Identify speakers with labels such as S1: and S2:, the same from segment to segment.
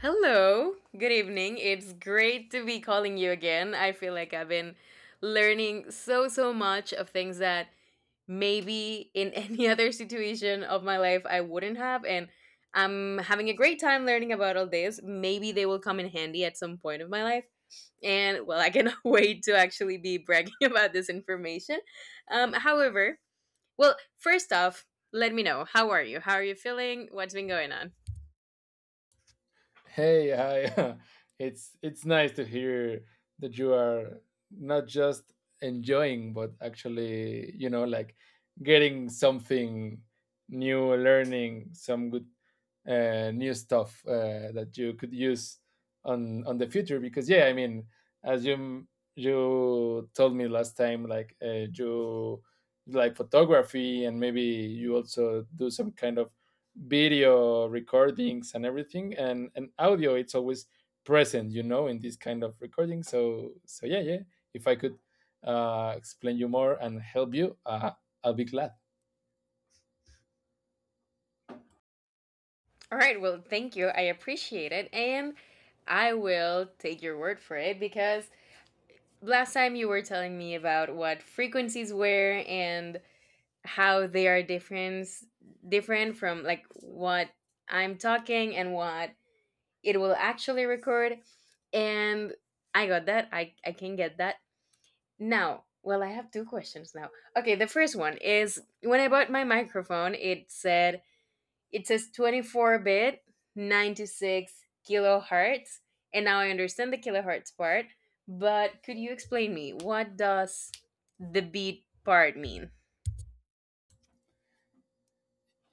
S1: Hello, good evening. It's great to be calling you again. I feel like I've been learning so much of things that maybe in any other situation of my life I wouldn't have. And I'm having a great time learning about all this. Maybe they will come in handy at some point of my life. And well, I cannot wait to actually be bragging about this information. However, first off, let me know how are you? How are you feeling? What's been going on?
S2: Hey, hi. It's nice to hear that you are not just enjoying, but actually, like getting something new, learning some good new stuff that you could use on the future because yeah, I mean, as you told me last time, like you like photography and maybe you also do some kind of video recordings and everything, and audio, it's always present, you know, in this kind of recording. So yeah, yeah, if I could explain you more and help you I'll be glad.
S1: All right, well, thank you. I appreciate it. And I will take your word for it because last time you were telling me about what frequencies were and how they are different from like what I'm talking and what it will actually record. And I got that. I can get that. Now, well, I have two questions now. Okay, the first one is when I bought my microphone, it says 24 bit, 96 kilohertz. And now I understand the kilohertz part, but could you explain me what does the beat part mean?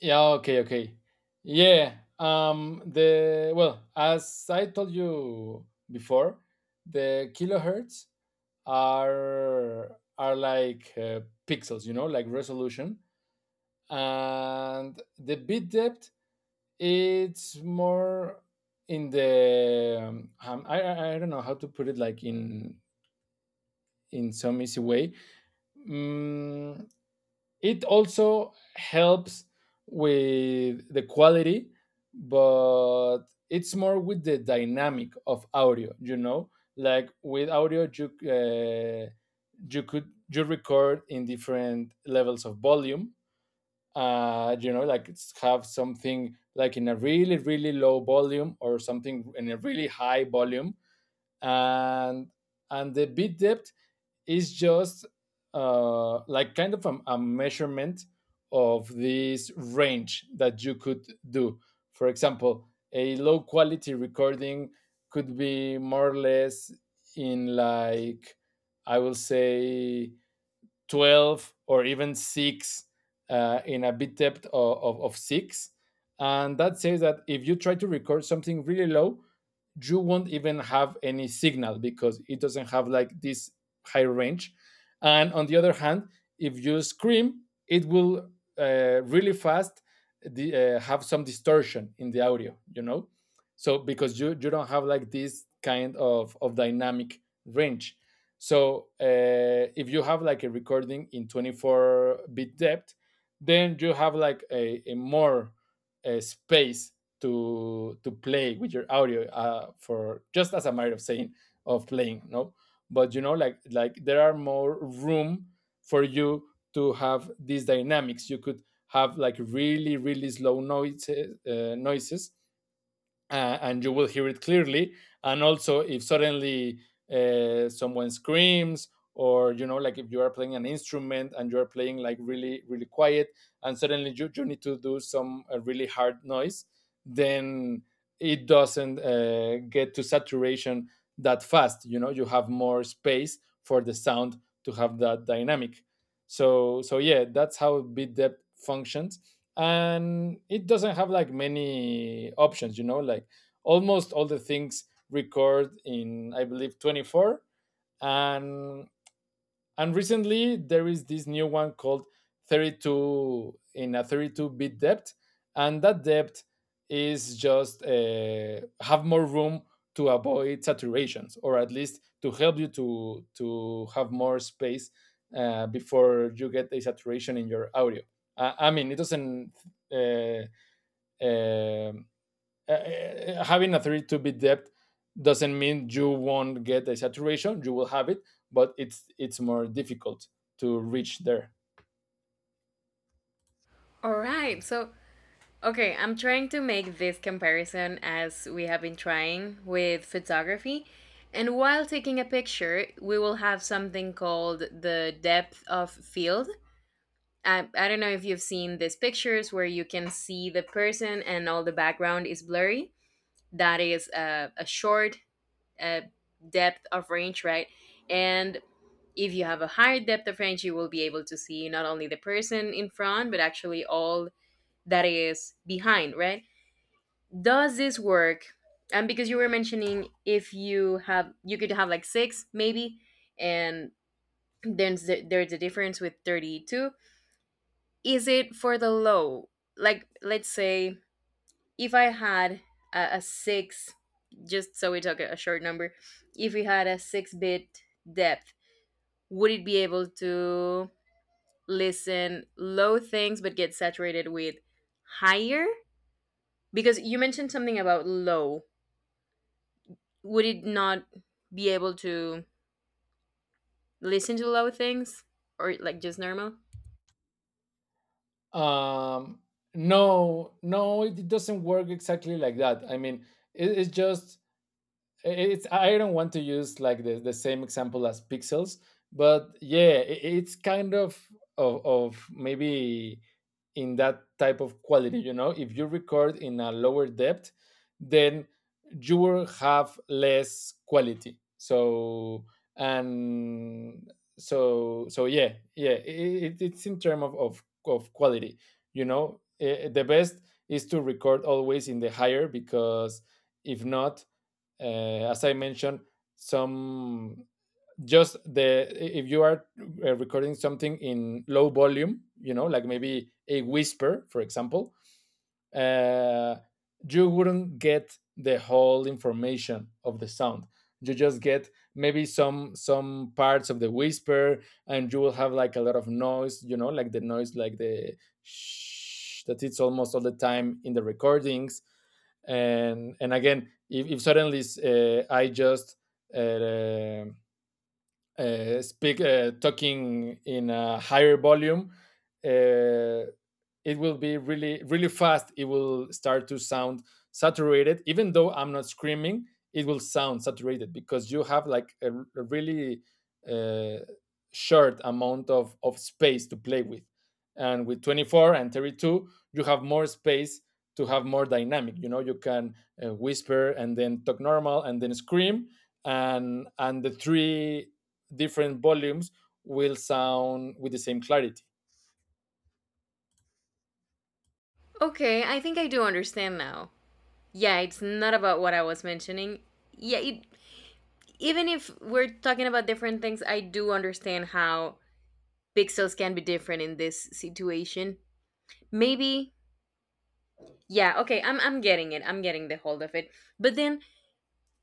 S2: Yeah, okay, okay. Yeah. The well, as I told you before, the kilohertz are like pixels, you know, like resolution. And the bit depth, it's more in the I don't know how to put it, like in some easy way. Mm, it also helps with the quality, but it's more with the dynamic of audio. You know, like with audio, you you could you record in different levels of volume. You know, like it's have something like in a really, really low volume or something in a really high volume. And and the beat depth is just like kind of a measurement of this range that you could do. For example, a low quality recording could be more or less in, like, I will say 12 or even six, in a bit depth of six. And that says that if you try to record something really low, you won't even have any signal because it doesn't have like this high range. And on the other hand, if you scream, it will really fast have some distortion in the audio, you know? So because you don't have like this kind of dynamic range. So if you have like a recording in 24 bit depth, then you have like a more space to play with your audio, for just as a matter of saying, of playing, no, but you know, like there are more room for you to have these dynamics. You could have like really, really slow noises, and you will hear it clearly. And also, if suddenly someone screams, or, you know, like if you are playing an instrument and you are playing like really, really quiet, and suddenly you need to do some really hard noise, then it doesn't get to saturation that fast. You know, you have more space for the sound to have that dynamic. So yeah, that's how bit depth functions, and it doesn't have like many options. You know, like almost all the things record in, I believe, 24. And and recently, there is this new one called 32, in a 32 bit depth, and that depth is just have more room to avoid saturations, or at least to help you to have more space before you get a saturation in your audio. I mean, it doesn't uh, uh, uh, uh, having a 32 bit depth doesn't mean you won't get a saturation. You will have it, but it's more difficult to reach there.
S1: All right. So, okay, I'm trying to make this comparison as we have been trying with photography. And while taking a picture, we will have something called the depth of field. I don't know if you've seen these pictures where you can see the person and all the background is blurry. That is a, a short uh, depth of range, right? And if you have a higher depth of range, you will be able to see not only the person in front, but actually all that is behind, right? Does this work? And because you were mentioning if you have, you could have like six maybe, and then there's the difference with 32. Is it for the low? Like, let's say if I had a six, just so we talk a short number, if we had a six bit depth, would it be able to listen low things but get saturated with higher? Because you mentioned something about low. Would it not be able to listen to low things or like just normal?
S2: um no, no, it doesn't work exactly like that. I mean, it's just, it's, I don't want to use like the same example as pixels, but yeah, it's kind of, of maybe in that type of quality. You know, if you record in a lower depth, then you will have less quality. So and so yeah, yeah, it's in terms of, of quality. You know, eh, the best is to record always in the higher because if not, as I mentioned, some, just the, if you are recording something in low volume, you know, like maybe a whisper, for example, uh, you wouldn't get the whole information of the sound. You just get maybe some parts of the whisper, and you will have like a lot of noise. You know, like the noise, like the shh, that it's almost all the time in the recordings. And again, if suddenly I just uh, speak talking in a higher volume. uh, it will be really, really fast. It will start to sound saturated, even though I'm not screaming. It will sound saturated because you have like a really uh, short amount of space to play with. And with 24 and 32, you have more space to have more dynamic. You know, you can whisper and then talk normal and then scream, and the three different volumes will sound with the same clarity.
S1: Okay, I think I do understand now. Yeah, it's not about what I was mentioning. Yeah, it, even if we're talking about different things, I do understand how pixels can be different in this situation. Maybe, yeah, okay, I'm getting it. I'm getting the hold of it. But then,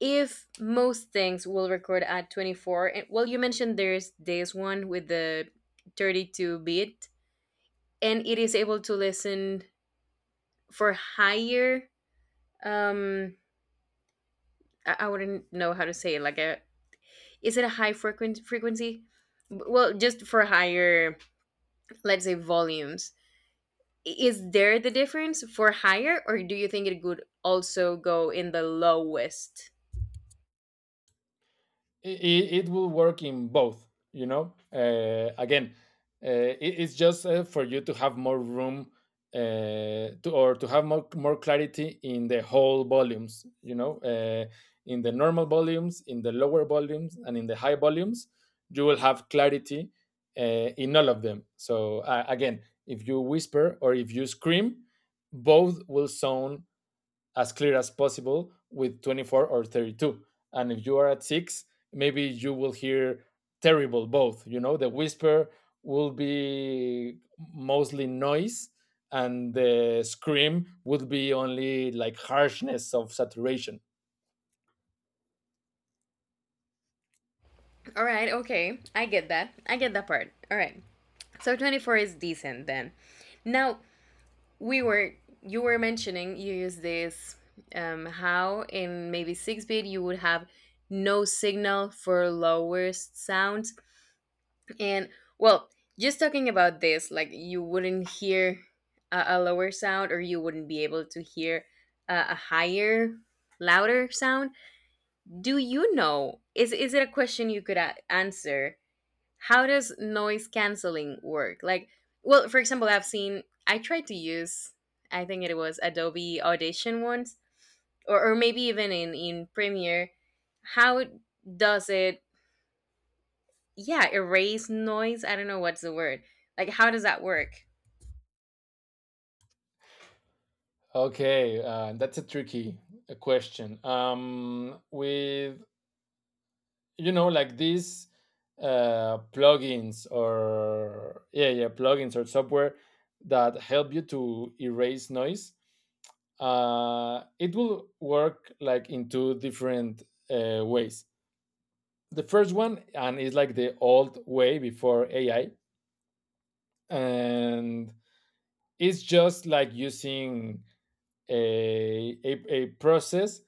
S1: if most things will record at 24, and, well, you mentioned there's this one with the 32 bit, and it is able to listen for higher, um, I, wouldn't know how to say it, like a, is it a high frequency? Well, just for higher, let's say, volumes, is there the difference for higher or do you think it could also go in the lowest?
S2: It will work in both, you know. Again, it's just for you to have more room to, or to have more, more clarity in the whole volumes, you know. In the normal volumes, in the lower volumes, and in the high volumes, you will have clarity in all of them. So again, if you whisper or if you scream, both will sound as clear as possible with 24 or 32. And if you are at six, maybe you will hear terrible both. You know, the whisper will be mostly noise, and the scream would be only like harshness of saturation.
S1: All right, okay, I get that. I get that part. All right, so 24 is decent then. Now, we were you were mentioning you use this, how in maybe 6 bit you would have no signal for lowest sounds. And well, just talking about this, like you wouldn't hear a lower sound or you wouldn't be able to hear a higher, louder sound. Do you know? Is it a question you could answer? How does noise canceling work? Like, well, for example, I've seen, I tried to use, I think it was Adobe Audition once, or maybe even in Premiere. How does it, yeah, erase noise. I don't know what's the word. Like, how does that work?
S2: Okay, that's a tricky question. With, you know, like these plugins or software that help you to erase noise, it will work like in two different ways. The first one, and it's like the old way before AI. And it's just like using a a process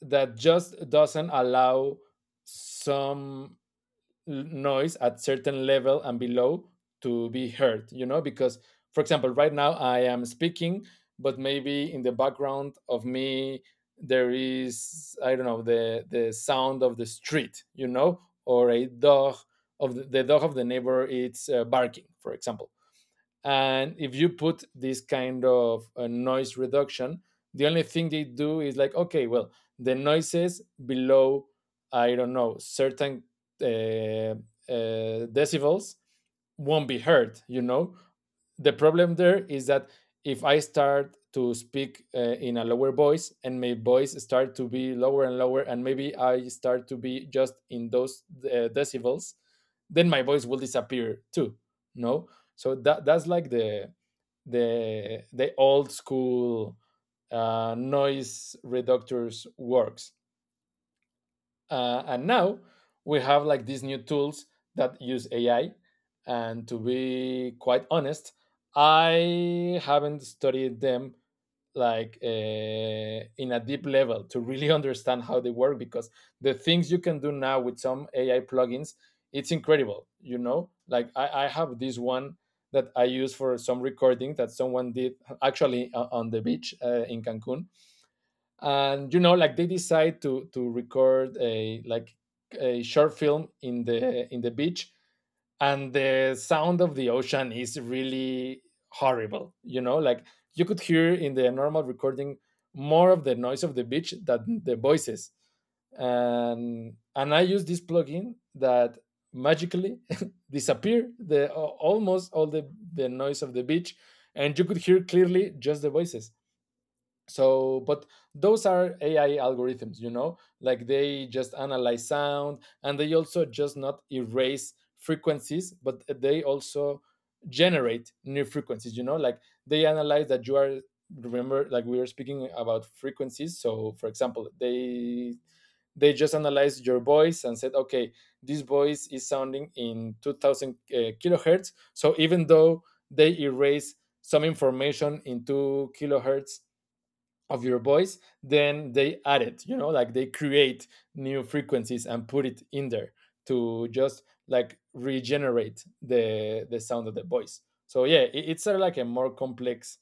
S2: that just doesn't allow some noise at certain level and below to be heard, you know, because for example, right now I am speaking, but maybe in the background of me there is, I don't know, the sound of the street, you know, or a dog, of the dog of the neighbor, it's barking, for example. And if you put this kind of noise reduction, the only thing they do is like, okay, well, the noises below, I don't know, certain uh, uh, decibels won't be heard, you know? The problem there is that if I start to speak in a lower voice, and my voice start to be lower and lower, and maybe I start to be just in those decibels, then my voice will disappear too. No, so that's like the old school noise reductors works. And now we have like these new tools that use AI. And to be quite honest, I haven't studied them like in a deep level to really understand how they work, because the things you can do now with some AI plugins, it's incredible. You know, like I have this one that I use for some recording that someone did actually on the beach in Cancun. And you know, like they decide to record a, like a short film in the beach, and the sound of the ocean is really horrible. You know, like you could hear in the normal recording more of the noise of the beach than the voices. And I use this plugin that magically disappear the almost all the noise of the beach, and you could hear clearly just the voices. So but those are AI algorithms. You know, like they just analyze sound, and they also just not erase frequencies, but they also generate new frequencies. You know, like they analyze that you are, remember, like we were speaking about frequencies. So for example, they just analyze your voice and said, okay, this voice is sounding in 2000 kilohertz. So even though they erase some information in 2 kilohertz of your voice, then they add it. You know, like they create new frequencies and put it in there to just like regenerate the sound of the voice. So yeah, it's sort of like a more complex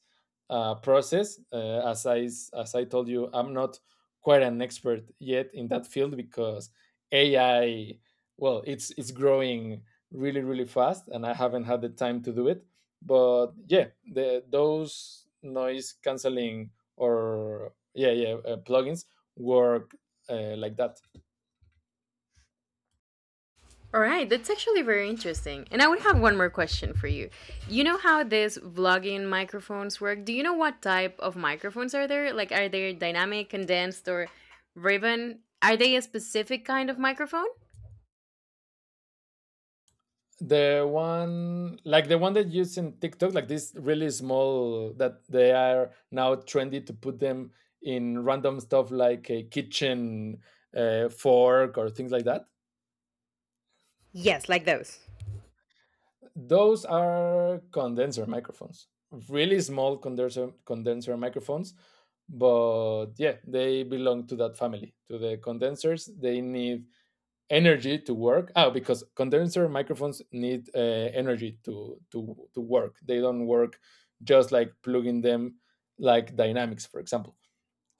S2: process, as I told you, I'm not quite an expert yet in that field, because AI, well, it's growing really, really fast, and I haven't had the time to do it. But yeah, the those noise canceling or yeah yeah plugins work like that.
S1: All right, that's actually very interesting. And I would have one more question for you. You know how these vlogging microphones work? Do you know what type of microphones are there? Like, are they dynamic, condensed, or ribbon? Are they a specific kind of microphone?
S2: The one, like the one that used in TikTok, like this really small, that they are now trendy to put them in random stuff, like a kitchen fork or things like that.
S1: Yes, like those.
S2: Those are condenser microphones, really small condenser microphones. But yeah, they belong to that family, to the condensers. They need energy to work. Oh, because condenser microphones need energy to to work. They don't work just like plugging them, like dynamics, for example.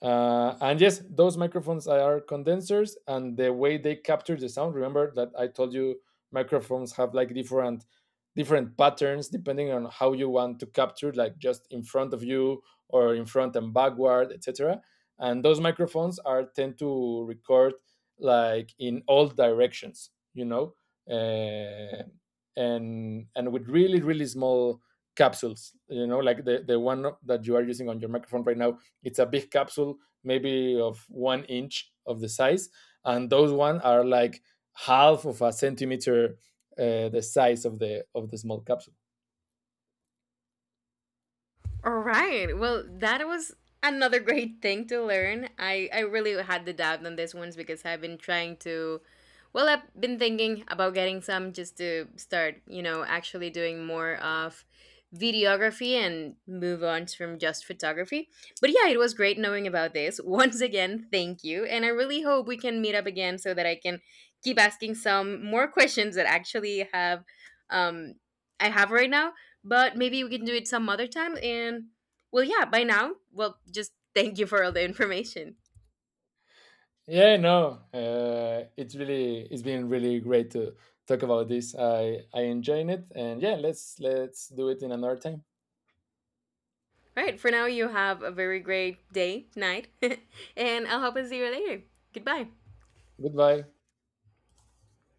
S2: And yes, those microphones are condensers, and the way they capture the sound. Remember that I told you microphones have like different patterns depending on how you want to capture, like just in front of you or in front and backward, etc. And those microphones are tend to record like in all directions, you know, uh, and with really, really small capsules. You know, like the one that you are using on your microphone right now, it's a big capsule, maybe of one inch of the size, and those one are like half of a centimeter, the size of the small capsule.
S1: All right. Well, that was another great thing to learn. I really had the doubt on this ones because I've been trying to, well, I've been thinking about getting some just to start, you know, actually doing more of videography and move on from just photography. But yeah, it was great knowing about this. Once again, thank you. And I really hope we can meet up again so that I can keep asking some more questions that actually have um I have right now, but maybe we can do it some other time. And well, yeah, by now, well, just thank you for all the information.
S2: Yeah, no, it's really, it's been really great to talk about this. I enjoyed it, and yeah, let's do it in another time.
S1: All right, for now, you have a very great day, night, and I'll hope to see you later. Goodbye.
S2: Goodbye.